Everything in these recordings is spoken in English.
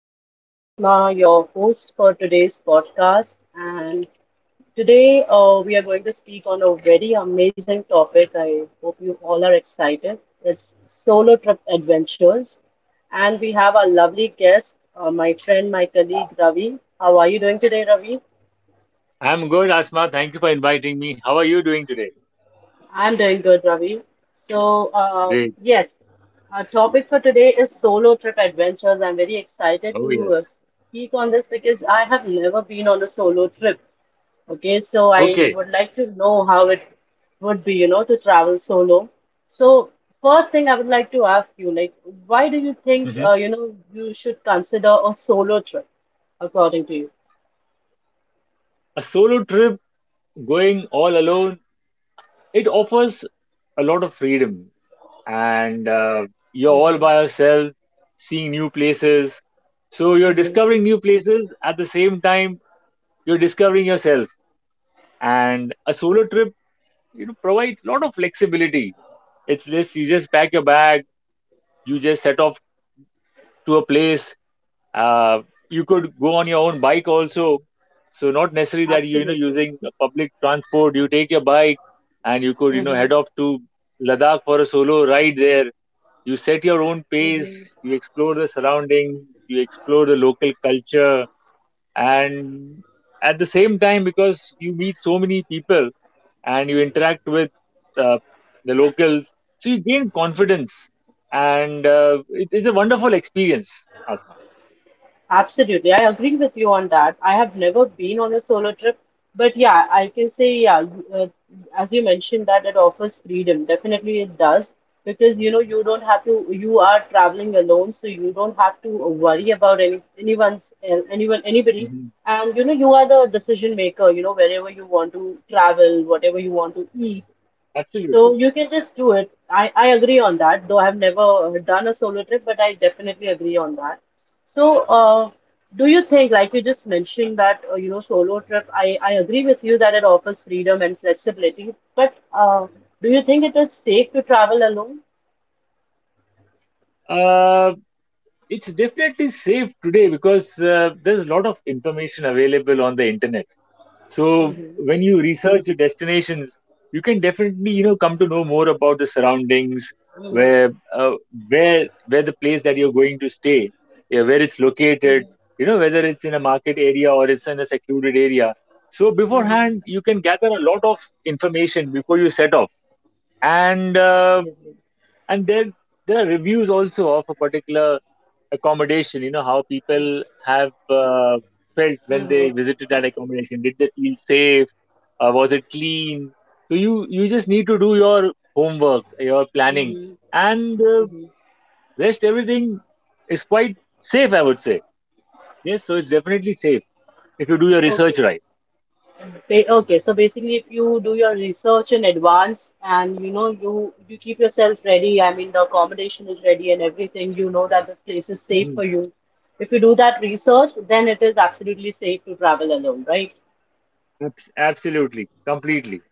This is Asma, your host for today's podcast. And today we are going to speak on a very amazing topic. I hope you all are excited. It's solo trip adventures. And we have our lovely guest, my friend, my colleague Ravi. How are you doing today, Ravi? I'm good, Asma. Thank you for inviting me. How are you doing today? I'm doing good, Ravi. So, Great. yes, our topic for today is solo trip adventures. I'm very excited Oh, to yes. speak on this because I have never been on a solo trip. Okay, so I Okay. would like to know how it would be, you know, to travel solo. So, first thing I would like to ask you, like, why do you think, Mhm. You know, you should consider a solo trip, according to you? A solo trip going all alone, it offers a lot of freedom. And you're all Mm-hmm. by yourself, seeing new places. So you're Mm-hmm. discovering new places. At the same time, you're discovering yourself. And a solo trip, provides a lot of flexibility. It's just, you just pack your bag, you just set off to a place uh, you could go on your own bike also, so not necessarily that you know Absolutely. using the public transport, you take your bike, and you could Mm-hmm. head off to ladakh for a solo ride there. You set your own pace, Mm-hmm. you explore the surroundings, you explore the local culture, and at the same time, because you meet so many people and you interact with uh, the locals, so you gain confidence, and it's a wonderful experience, Asma. Absolutely, I agree with you on that. I have never been on a solo trip, but yeah, I can say, yeah, uh, as you mentioned, that it offers freedom. Definitely, it does because you know you don't have to. You are traveling alone, so you don't have to worry about anyone's anyone anybody, and you know you are the decision maker. You know wherever you want to travel, whatever you want to eat, so Absolutely. you can just do it. I agree on that, though I've never done a solo trip, but I definitely agree on that. So, do you think, like you just mentioned, that you know, solo trip? I agree with you that it offers freedom and flexibility, but do you think it is safe to travel alone? Uh, it's definitely safe today because there's a lot of information available on the internet. So Mm-hmm. when you research your destinations, you can definitely come to know more about the surroundings, Mm-hmm. where uh, where the place that you're going to stay, yeah, where it's located, Mm-hmm. Whether it's in a market area or it's in a secluded area. So beforehand, Mm-hmm. you can gather a lot of information before you set off, and uh, Absolutely. and there are reviews also of a particular accommodation, how people have felt when they visited Mm-hmm. that accommodation. Did they feel safe, was it clean? So you just need to do your homework, your planning, Mm-hmm. and Mm-hmm. rest everything is quite safe, I would say. Yes, so it's definitely safe if you do your research Okay. right. Okay, so basically, if you do your research in advance and you know you keep yourself ready, I mean the accommodation is ready and everything, you know that this place is safe Hmm. for you. If you do that research, then it is absolutely safe to travel alone, right? Absolutely, completely.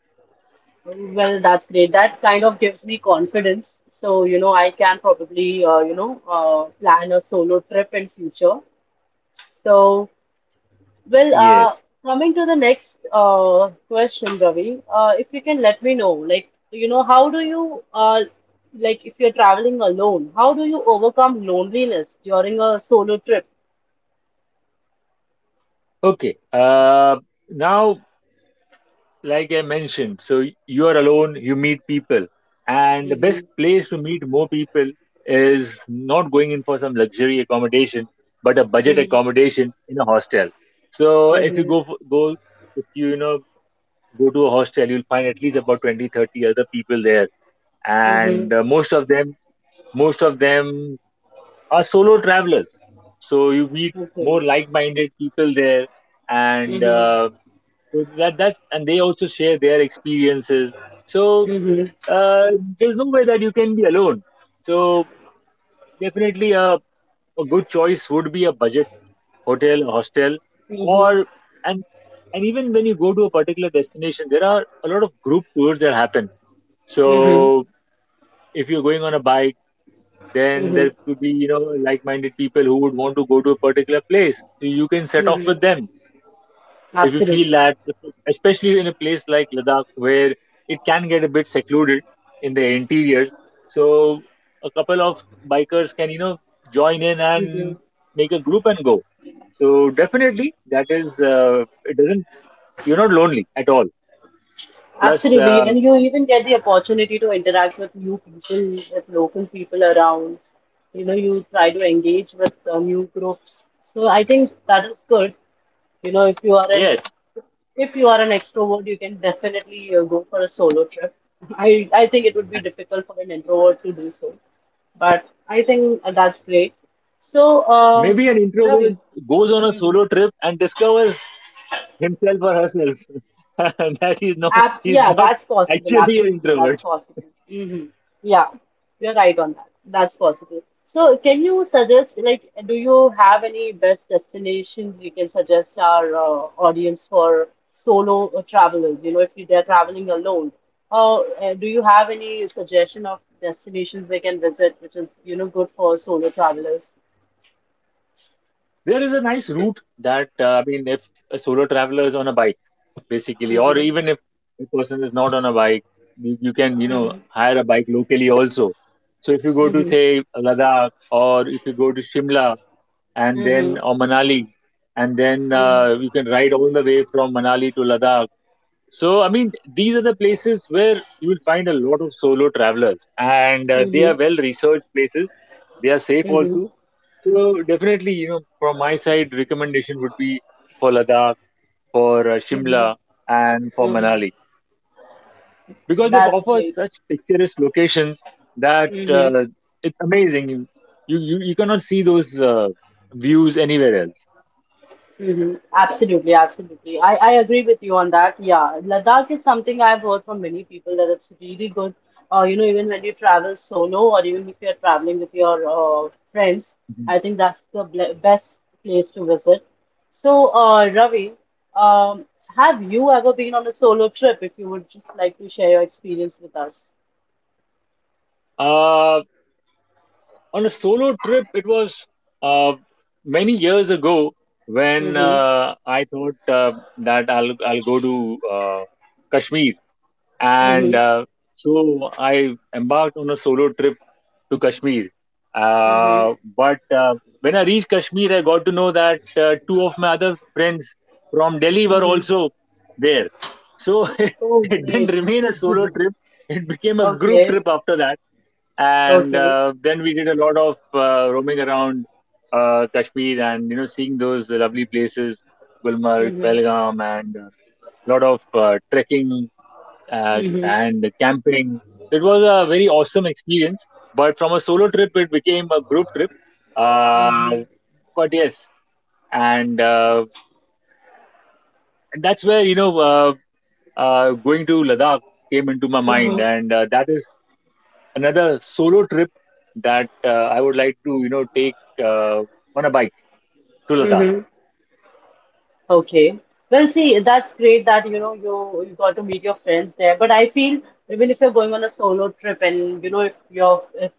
Well, that's great. That kind of gives me confidence. So, you know, I can probably you know plan a solo trip in future. So. Well, Yes. coming to the next question, Ravi, if you can let me know, like, you know, how do you, like, if you're traveling alone, how do you overcome loneliness during a solo trip? Okay. uh, Now, like I mentioned, so you are alone, you meet people. And the best Mm-hmm. place to meet more people is not going in for some luxury accommodation, but a budget Mm-hmm. accommodation in a hostel. So if you Mm-hmm. go, for, go, if you, go to a hostel, you'll find at least about 20, 30 other people there. Mm-hmm. And most of them are solo travelers. So you meet Okay. more like-minded people there, and, Mm-hmm. So that that's and they also share their experiences. So Mm-hmm. uh, there's no way that you can be alone. So definitely, a good choice would be a budget hotel, a hostel, or and and even when you go to a particular destination, there are a lot of group tours that happen. Mm-hmm. So if you're going on a bike, then Mm-hmm. there could be like-minded people who would want to go to a particular place, so you can set off Mm-hmm. with them if you feel Absolutely. that, especially in a place like Ladakh where it can get a bit secluded in the interiors. So a couple of bikers can, join in and make a group and go. So definitely, it doesn't, you're not lonely at all. Plus, Absolutely. And you even get the opportunity to interact with new people, with local people around. You know, you try to engage with new groups. So I think that is good. You know, if you are an yes, if you are an extrovert, you can definitely go for a solo trip. I think it would be difficult for an introvert to do so, but I think that's great. So, maybe an Ravi, introvert goes on a Mhm. solo trip and discovers himself or herself that he's not, he's Yeah, not that's possible. actually an Absolutely, that's introvert. possible. Hmm. Yeah, you're right on that. That's possible. So, can you suggest, like, do you have any best destinations you can suggest our audience for solo travelers? You know, if you- they're traveling alone, or do you have any suggestion of destinations they can visit, which is, you know, good for solo travelers? There is a nice route that, I mean, if a solo traveler is on a bike, basically, or Mm-hmm. even if a person is not on a bike, you can, Mm-hmm. Hire a bike locally also. So if you go to, Mm-hmm. say, Ladakh, or if you go to Shimla and Mm-hmm. then, or Manali, and then Mm-hmm. you can ride all the way from Manali to Ladakh. So, I mean, these are the places where you will find a lot of solo travelers, and they Mm-hmm. are well researched places. They are safe Mm-hmm. also. So definitely, from my side, recommendation would be for Ladakh, for Shimla, and for Mm-hmm. Manali because they That's offer great. such picturesque locations that Mm-hmm. It's amazing. You cannot see those views anywhere else. Mm-hmm. Absolutely, absolutely. I agree with you on that. Yeah, Ladakh is something I've heard from many people that it's really good. You know, even when you travel solo or even if you're traveling with your friends, I Mhm. think that's the best place to visit. So, Ravi, um, have you ever been on a solo trip? If you would just like to share your experience with us. Uh, on a solo trip, it was uh, many years ago when Mm-hmm. I thought that I'll go to uh, Kashmir, and Mm-hmm. So I embarked on a solo trip to Kashmir. Mm-hmm. But when I reached Kashmir, I got to know that two of my other friends from Delhi were Mm-hmm. also there. So it, Oh, it didn't great. remain a solo trip; it became a group Okay. trip after that. And Okay. Then we did a lot of roaming around Kashmir, and seeing those lovely places, Gulmarg, Mm-hmm. Pelgam, and a lot of trekking Mm-hmm. and camping. It was a very awesome experience. But from a solo trip, it became a group trip. Uh, but yes, and, uh, and that's where going to Ladakh came into my mind, Mm-hmm. and that is another solo trip that I would like to take on a bike to Ladakh. Mm-hmm. Okay. Well, see, that's great that you know you got to meet your friends there. But I feel even if you're going on a solo trip and you know if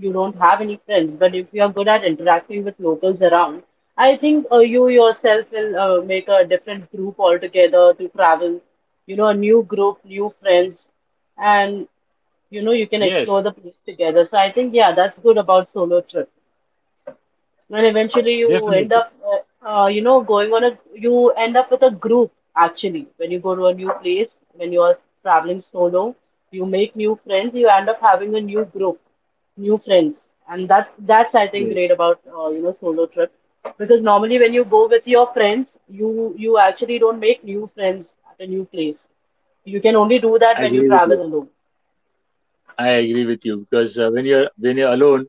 you don't have any friends, but if you are good at interacting with locals around, I think you yourself will make a different group altogether to travel. You know, a new group, new friends, and you know you can explore Yes, the place together. So I think yeah, that's good about solo trip. And eventually you end definitely. up, you know, going on a, you end up with a group actually. When you go to a new place, when you are traveling solo, you make new friends, you end up having a new group, new friends. And that's I think Yes, great about you know solo trip because normally when you go with your friends, you actually don't make new friends at a new place. You can only do that I when you agree with travel you. alone. I agree with you because when you're alone,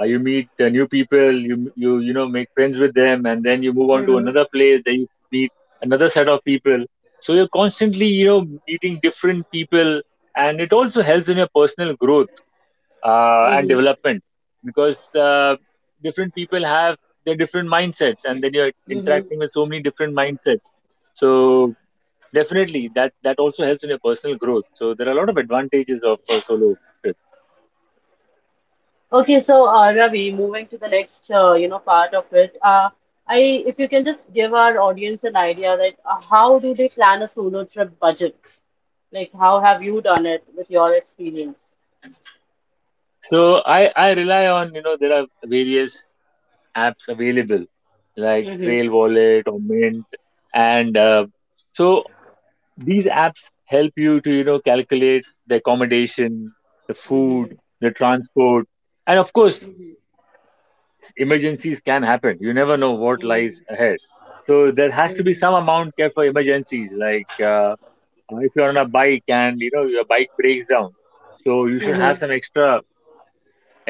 you meet new people, you know make friends with them, and then you move on to Hmm. another place. Then you meet another set of people. So you're constantly meeting different people, and it also helps in your personal growth and Mm-hmm. development because different people have their different mindsets, and then you're interacting with so many different mindsets. So definitely, that also helps in your personal growth. So there are a lot of advantages of solo. Okay, so Ravi, moving to the next you know part of it, I if you can just give our audience an idea that how do they plan a solo trip budget? Like how have you done it with your experience? So I rely on there are various apps available like Mm-hmm. Trail Wallet or Mint, and so these apps help you to calculate the accommodation, the Mm-hmm. food, the transport, and of course, Mm-hmm. emergencies can happen. You never know what Mm-hmm. lies ahead. So there has to be Mm-hmm. some amount kept for emergencies, like if you're on a bike and your bike breaks down, so you should have Mm-hmm. some extra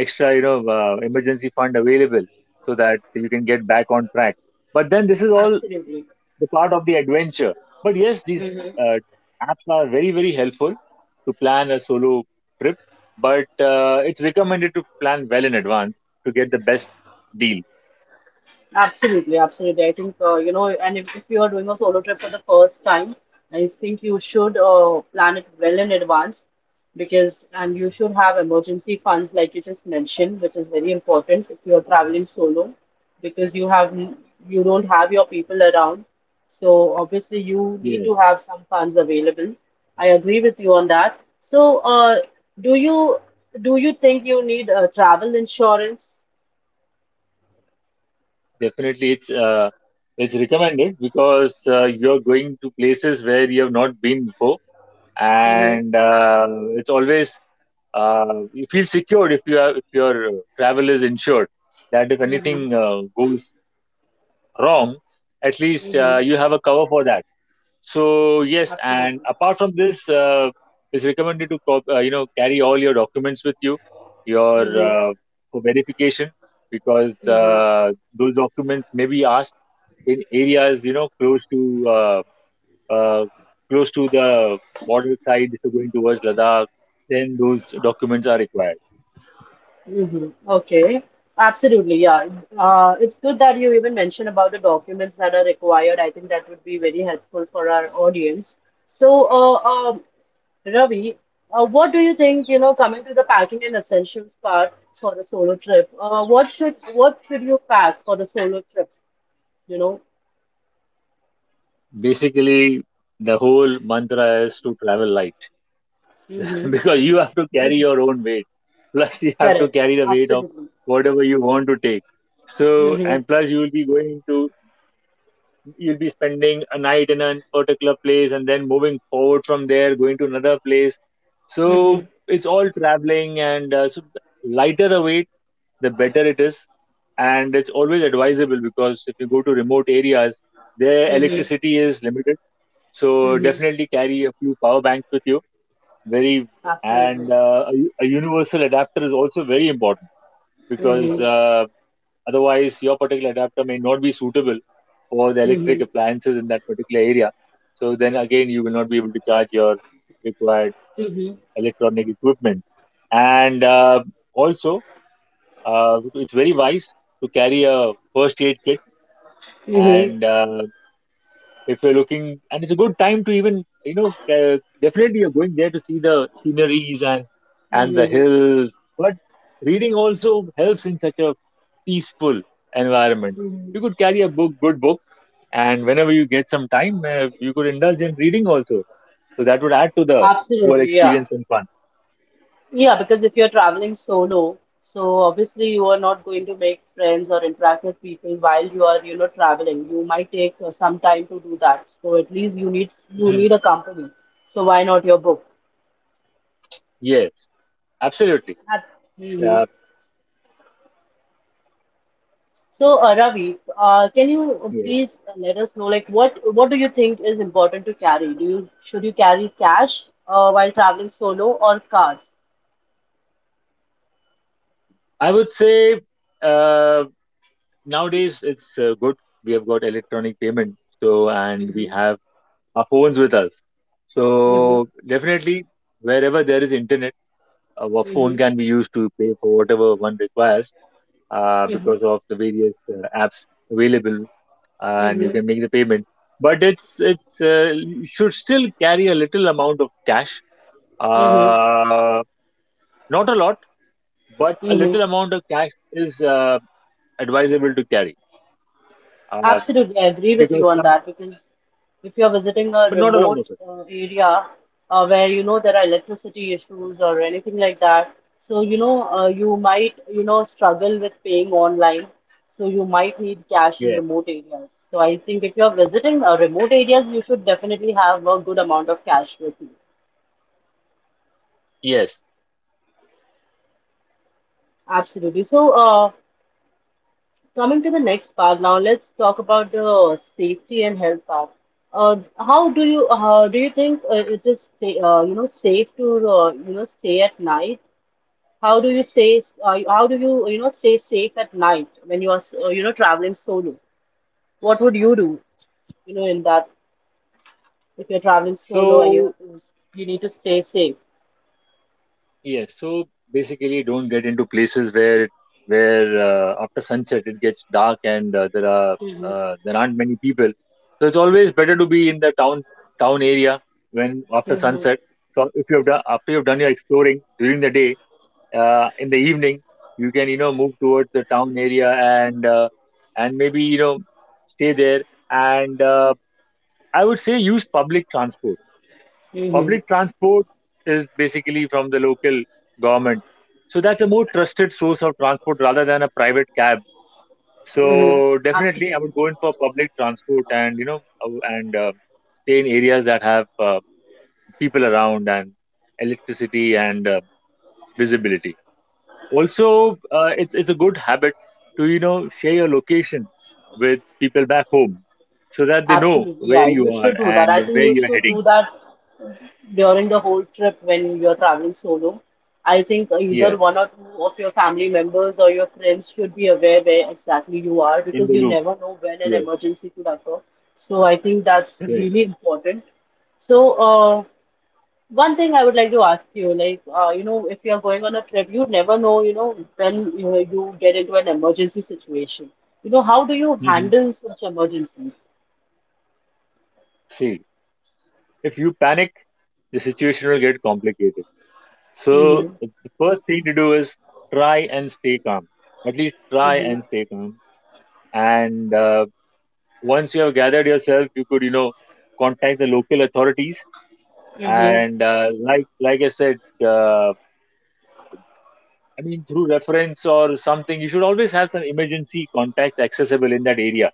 emergency fund available so that you can get back on track, but then this is all Absolutely. the part of the adventure. But yes, these uh, apps are very, very helpful to plan a solo trip, but it's recommended to plan well in advance to get the best deal. Absolutely, absolutely. I think you know, and if you are doing a solo trip for the first time, I think you should plan it well in advance because, and you should have emergency funds, like you just mentioned, which is very important if you are traveling solo because you don't have your people around. So obviously, you need Yes, to have some funds available. I agree with you on that. So, do you do you think you need travel insurance? definitely. It's recommended because you're going to places where you have not been before, Mm-hmm. and it's always uh, you feel secured if your travel is insured, that if anything goes wrong, at least Mm-hmm. you have a cover for that. So yes, and Absolutely. apart from this, it's recommended to carry all your documents with you, your Mm-hmm. uh, for verification, because Mm-hmm. Those documents may be asked in areas, close to uh, the border side, if you're going towards ladakh, then those documents are required. Mm-hmm. Okay. Absolutely. Yeah. It's good that you even mentioned about the documents that are required. I think that would be very helpful for our audience. So, Ravi, what do you think, you know, coming to the packing and essentials part for a solo trip, what should you pack for the solo trip, you know? Basically, the whole mantra is to travel light Mm-hmm. because you have to carry your own weight. Plus, you have to Correct. carry the weight of Absolutely. whatever you want to take. So, Mm-hmm. and plus, you will be you'll be spending a night in a particular place, and then moving forward from there, going to another place. Mm-hmm. So, it's all traveling, and so the lighter the weight, the better it is. And it's always advisable because if you go to remote areas, their Mm-hmm. electricity is limited, so Mm-hmm. definitely carry a few power banks with you. Very. Absolutely. And a universal adapter is also very important because Mm-hmm. Otherwise your particular adapter may not be suitable for the electric appliances in that particular area. So then again, you will not be able to charge your required Mhm. electronic equipment. And also, it's very wise to carry a first aid kit. Mhm. And if you're looking, and it's a good time to even, definitely you're going there to see the sceneries and the Mhm. hills, but reading also helps in such a peaceful environment. Mhm. You could carry a book, good book, and whenever you get some time, you could indulge in reading also, so that would add to the whole Absolutely, yeah. experience and fun. Yeah, because if you're traveling solo, so obviously you are not going to make friends or interact with people while you are, you know, traveling. You might take some time to do that. So at least you need you Mhm. need a company. So why not your book? Yes, absolutely. Mm-hmm. uh, So, Ravi, can you yes, please let us know, like, what do you think is important to carry? Do you should you carry cash while traveling solo or cards? I would say uh, nowadays it's good, we have got electronic payment, so and we Mm-hmm. have our phones with us. Mm-hmm. So definitely, wherever there is internet, our phone Mhm. can be used to pay for whatever one requires, because Mhm. of the various apps available, and you Mhm. can make the payment. But it's you should still carry a little amount of cash, Mhm. uh, not a lot, but a Mhm. little amount of cash is advisable to carry, uh, Absolutely, I agree with because you on some, that because if you're visiting a but not a lot remote of it. Area where you know there are electricity issues or anything like that, so you know you might you know struggle with paying online, so you might need cash in Yes. remote areas. So I think if you're visiting remote areas, you should definitely have a good amount of cash with you. Yes. Absolutely. So, coming to the next part now, let's talk about the safety and health part. How do you think it is sta you know safe to you know stay at night? How do you stay how do you you know stay safe at night when you are you know traveling solo? What would you do you know in that if you're traveling solo and you So have to you need to stay safe? Yes, so basically, don't get into places where where after sunset it gets dark and Hmm. There aren't many people. So it's always better to be in the town area when after Hmm. sunset. So if you've done after you've done your exploring during the day, in the evening you can move towards the town area and maybe stay there. And I would say use public transport. Hmm. Public transport is basically from the local government. So that's a more trusted source of transport rather than a private cab. Hmm. So definitely I Absolutely. would go in for public transport uh, and stay in areas that have people around and electricity and visibility. Also, it's a good habit to, share your location with people back home so that they know Absolutely, where yeah. you You are should do that. and I think where you you're should heading. do that during the whole trip when you're traveling solo. I think either Yes, one or two of your family members or your friends should be aware where exactly you are in because the you loop. never know when an Yes, emergency could occur. So I think that's correct. really important. So, one thing I would like to ask you, like, you know, if you're going on a trip, you never know, you know, when you know, you get into an emergency situation. You know, how do you handle such emergencies? See, if you panic, the situation will get complicated. So Mm-hmm. the first thing to do is try and stay calm. At least try Mm-hmm. and stay calm. And Once you have gathered yourself, you could, contact the local authorities. Mm-hmm. And like I said, uh, I mean, through reference or something, you should always have some emergency contacts accessible in that area.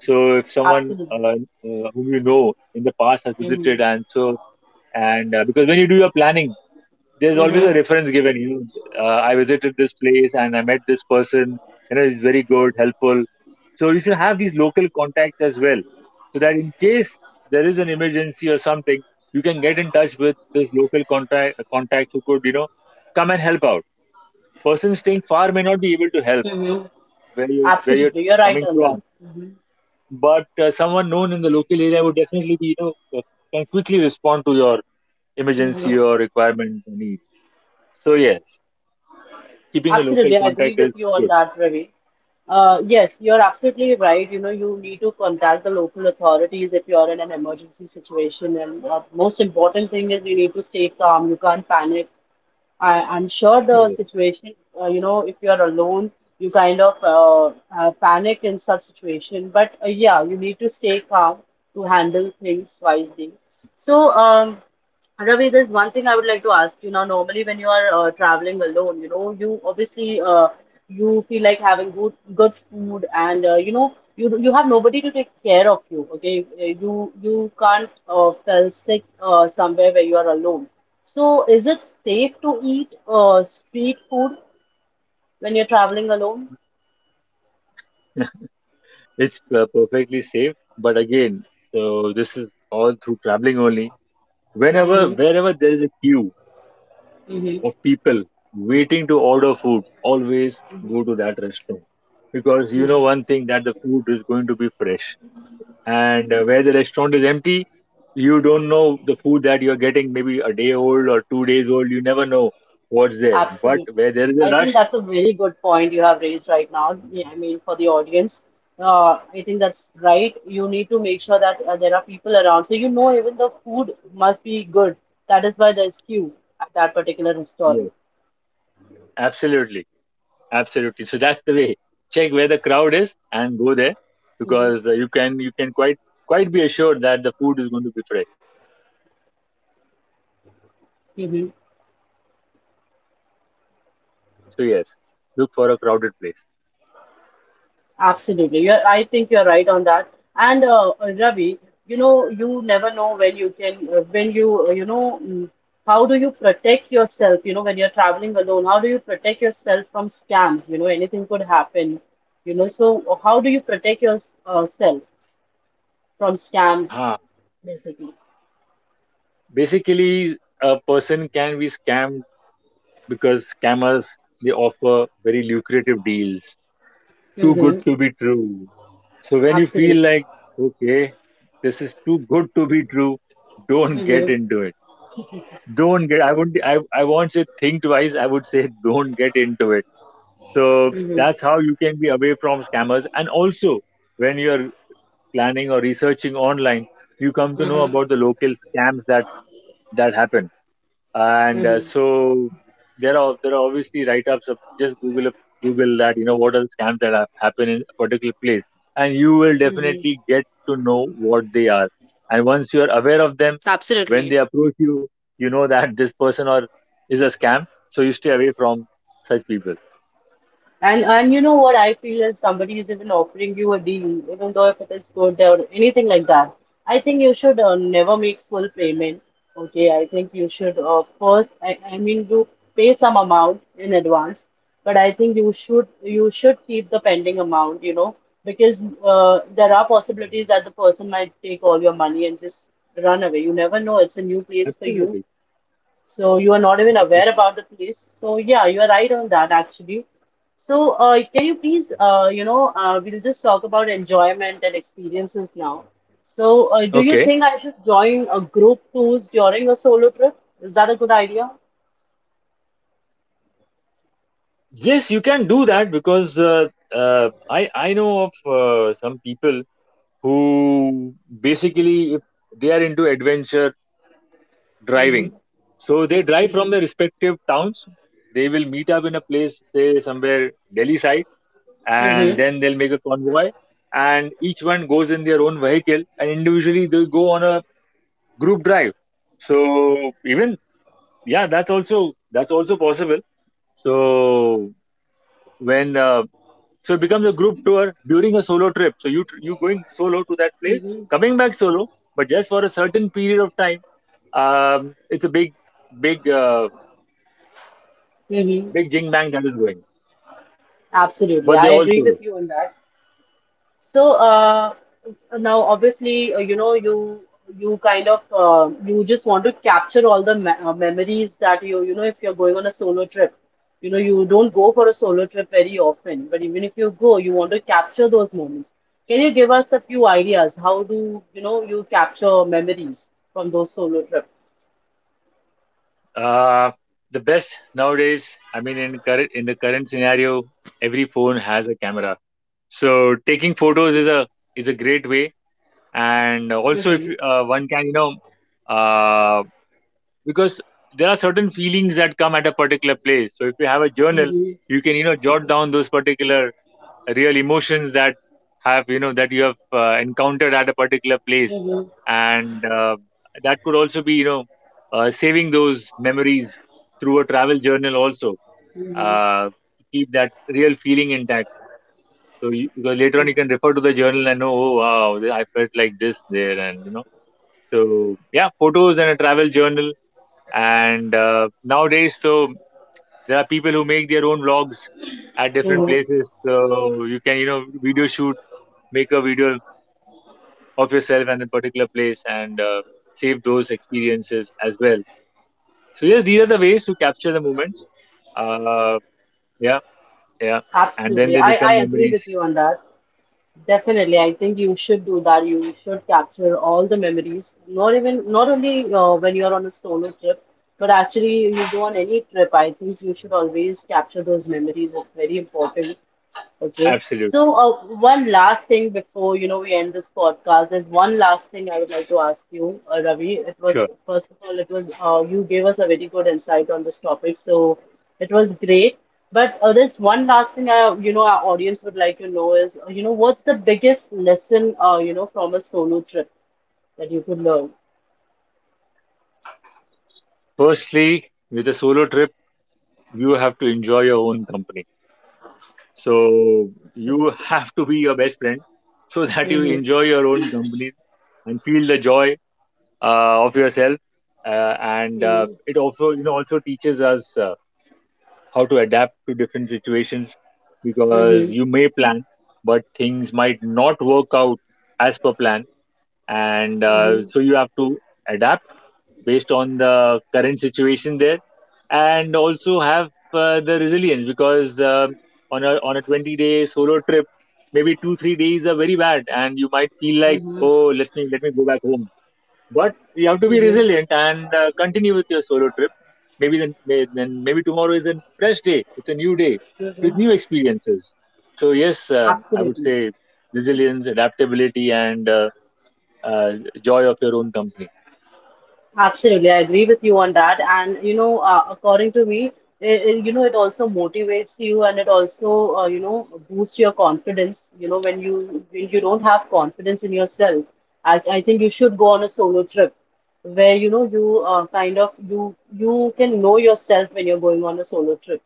So if someone uh, Absolutely. uh, whom you know in the past has Mm-hmm. visited, and so and because when you do your planning there's always a Mm-hmm. reference given. You I visited this place and I met this person. You know, he's very good helpful, so you should have these local contacts as well, so that in case there is an emergency or something, you can get in touch with this local contacts who could, come and help out. Person staying far may not be able to help Mm-hmm. where you're Absolutely, you're right coming on that. from, Mm-hmm. but someone known in the local area would definitely be, uh, can quickly respond to your emergency Mm-hmm. or requirement or need. So yes, keeping a local Absolutely, I agree contact with is you on good. that, Ravi. Yes, you're absolutely right. You know, you need to contact the local authorities if you're in an emergency situation. And most important thing is you need to stay calm. You can't panic. I'm sure the Yes, situation, you know, if you're alone, you kind of panic in such situation. But yeah, you need to stay calm to handle things wisely. So, Ravi, there's one thing I would like to ask you now. Normally, when you are traveling alone, you know, you obviously you feel like having good food, and you know, you have nobody to take care of you. Okay. You can't fell sick somewhere where you are alone. So, is it safe to eat street food when you're traveling alone? it's perfectly safe. But again, so this is all through traveling only. Whenever, Mm-hmm. wherever there is a queue Mm-hmm. of people waiting to order food, always go to that restaurant, because you know one thing, that the food is going to be fresh. And Where the restaurant is empty, you don't know the food that you're getting, maybe a day old or 2 days old. You never know what's there. But Absolutely. where there is a I think rush, that's a very good point you have raised right now. Yeah, I mean, for the audience, I think that's right. You need to make sure that there are people around. So, you know, even the food must be good. That is why there's queue at that particular restaurant. yes, absolutely. Absolutely. So that's the way. Check where the crowd is and go there because you can quite be assured that the food is going to be fresh. Mm-hmm. So yes, look for a crowded place. Absolutely. I think you're right on that. And Ravi, you know, you never know when you can, when you how do you protect yourself, you know, when you're traveling alone? How do you protect yourself from scams? You know, anything could happen, you know. So, how do you protect yourself from scams, Ah, basically? basically, a person can be scammed because scammers, they offer very lucrative deals, too good Mm-hmm. to be true. So when you feel Absolutely. like, okay, this is too good to be true, don't get Mm-hmm. into it. Don't get. I would. I won't say think twice. I would say, don't get into it. So Mm-hmm. that's how you can be away from scammers. And also, when you're planning or researching online, you come to know Mm-hmm. about the local scams that happen. And Mm-hmm. so there are obviously write-ups of just Google up- Google, that you know what are the scams that have happened in a particular place, and you will Mm-hmm. definitely get to know what they are. And once you're aware of them, when they Absolutely. approach you, you know that this person or is a scam. So you stay away from such people. And you know what I feel is somebody is even offering you a deal, even though if it is good or anything like that. I think you should never make full payment. Okay, I think you should I mean, you pay some amount in advance, but I think you should keep the pending amount. You know, because there are possibilities that the person might take all your money and just run away. You never know. It's a new place for you, Absolutely. so you are not even aware about the place. So yeah, you are right on that actually. So can you please, you know, we'll just talk about enjoyment and experiences now. So do you Okay. think I should join a group tours during a solo trip? Is that a good idea? Yes, you can do that because I know of some people who basically, if they are into adventure driving. Mm-hmm. So they drive from Mm-hmm. their respective towns. They will meet up in a place, say somewhere Delhi side, and Mm-hmm. then they'll make a convoy. And each one goes in their own vehicle, and individually they go on a group drive. So even, yeah, that's also possible. So when So it becomes a group tour during a solo trip. So you going solo to that place, Mm-hmm. coming back solo, but just for a certain period of time. It's a big, uh, Mm-hmm. big jing bang that is going. Absolutely. But I they're all agree solo. with you on that. So, now, obviously, you know, you kind of you just want to capture all the me memories that you know if you're going on a solo trip, you know, you don't go for a solo trip very often, but even if you go, you want to capture those moments. Can you give us a few ideas? How do you know you capture memories from those solo trips? Uh, the best nowadays. I mean, in the current scenario, every phone has a camera. So taking photos is a great way. And also, if Mhm, you, one can, uh, because there are certain feelings that come at a particular place, so if you have a journal, mhm, you can, jot down those particular real emotions that have you know that you have encountered at a particular place, mhm, and that could also be, saving those memories through a travel journal also, mhm, to keep that real feeling intact. So you, because later on mhm, you can refer to the journal and know, oh wow, I felt like this there. And you know, so yeah, photos and a travel journal. And Nowadays, so there are people who make their own vlogs at different mhm. places. So you can, you know, video shoot, make a video of yourself and the particular place, and save those experiences as well. So yes, these are the ways to capture the moments. Uh, yeah, yeah, and then Absolutely. they become I agree with memories. you on that. Definitely, I think you should do that. You should capture all the memories, not only when you're on a solo trip, but actually you go on any trip. I think you should always capture those memories. It's very important. Okay. So, Absolutely, one last thing before, you know, we end this podcast, there's one last thing I would like to ask you, Ravi. It was, sure. first of all, it was, you gave us a very good insight on this topic, so it was great. But there's one last thing, you know, our audience would like to know is, you know, what's the biggest lesson, you know, from a solo trip that you could learn? Firstly, with a solo trip, you have to enjoy your own company. So you Absolutely. have to be your best friend, so that you enjoy Mm-hmm. your own company and feel the joy of yourself. Uh, and Mm-hmm. It also, you know, also teaches us how to adapt to different situations, because Mm-hmm. you may plan, but things might not work out as per plan, and Mm-hmm. so you have to adapt based on the current situation there, and also have the resilience, because on a 20-day solo trip, maybe 2 3 days are very bad and you might feel like, Mm-hmm. oh, let me go back home. But you have to be Mm-hmm. resilient and continue with your solo trip. Maybe then may, then maybe tomorrow is a fresh day. It's a new day with new experiences. So yes, I would Absolutely. say resilience, adaptability, and uh, joy of your own company. Absolutely, I agree with you on that. And you know, according to me, you know, it also motivates you, and it also, you know, boosts your confidence. You know, when you don't have confidence in yourself, I think you should go on a solo trip, where you know you kind of you can know yourself when you're going on a solo trip.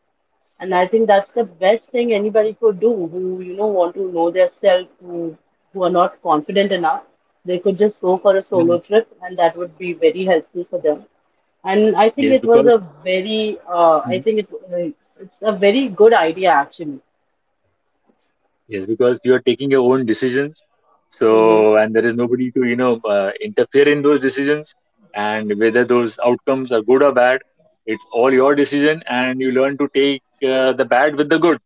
And I think that's the best thing anybody could do who, you know, want to know their self, who are not confident enough. They could just go for a Mhm. solo trip, and that would be very helpful for them. And I think Yes, it was a because, very, mhm, it's a very good idea actually. yes, because you are taking your own decisions. Hmm. So, and there is nobody to, interfere in those decisions. And whether those outcomes are good or bad, it's all your decision. And you learn to take the bad with the good,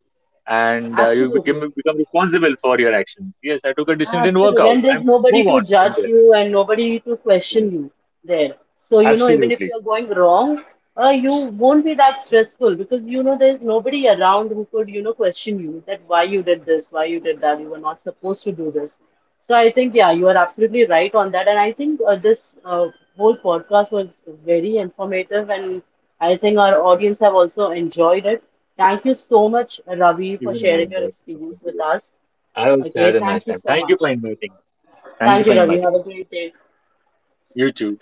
and uh, you become Absolutely. become responsible for your actions. Yes, I took a decision and work Absolutely. out. And I there's nobody move to on from judge there. you and nobody to question Yes, you there. So, you know, even if absolutely. you're going wrong, you won't be that stressful because, you know, there's nobody around who could, you know, question you that why you did this, why you did that, you were not supposed to do this. So I think, yeah, you are absolutely right on that. And I think this whole podcast was very informative, and I think our audience have also enjoyed it. Thank you so much, Ravi, for Even I sharing your enjoyed experience talking to with you. us. I also had Okay, a nice thank you time. so Thank you for much. inviting me. Thank you Thank for you, Ravi. inviting Have me. a great day. YouTube.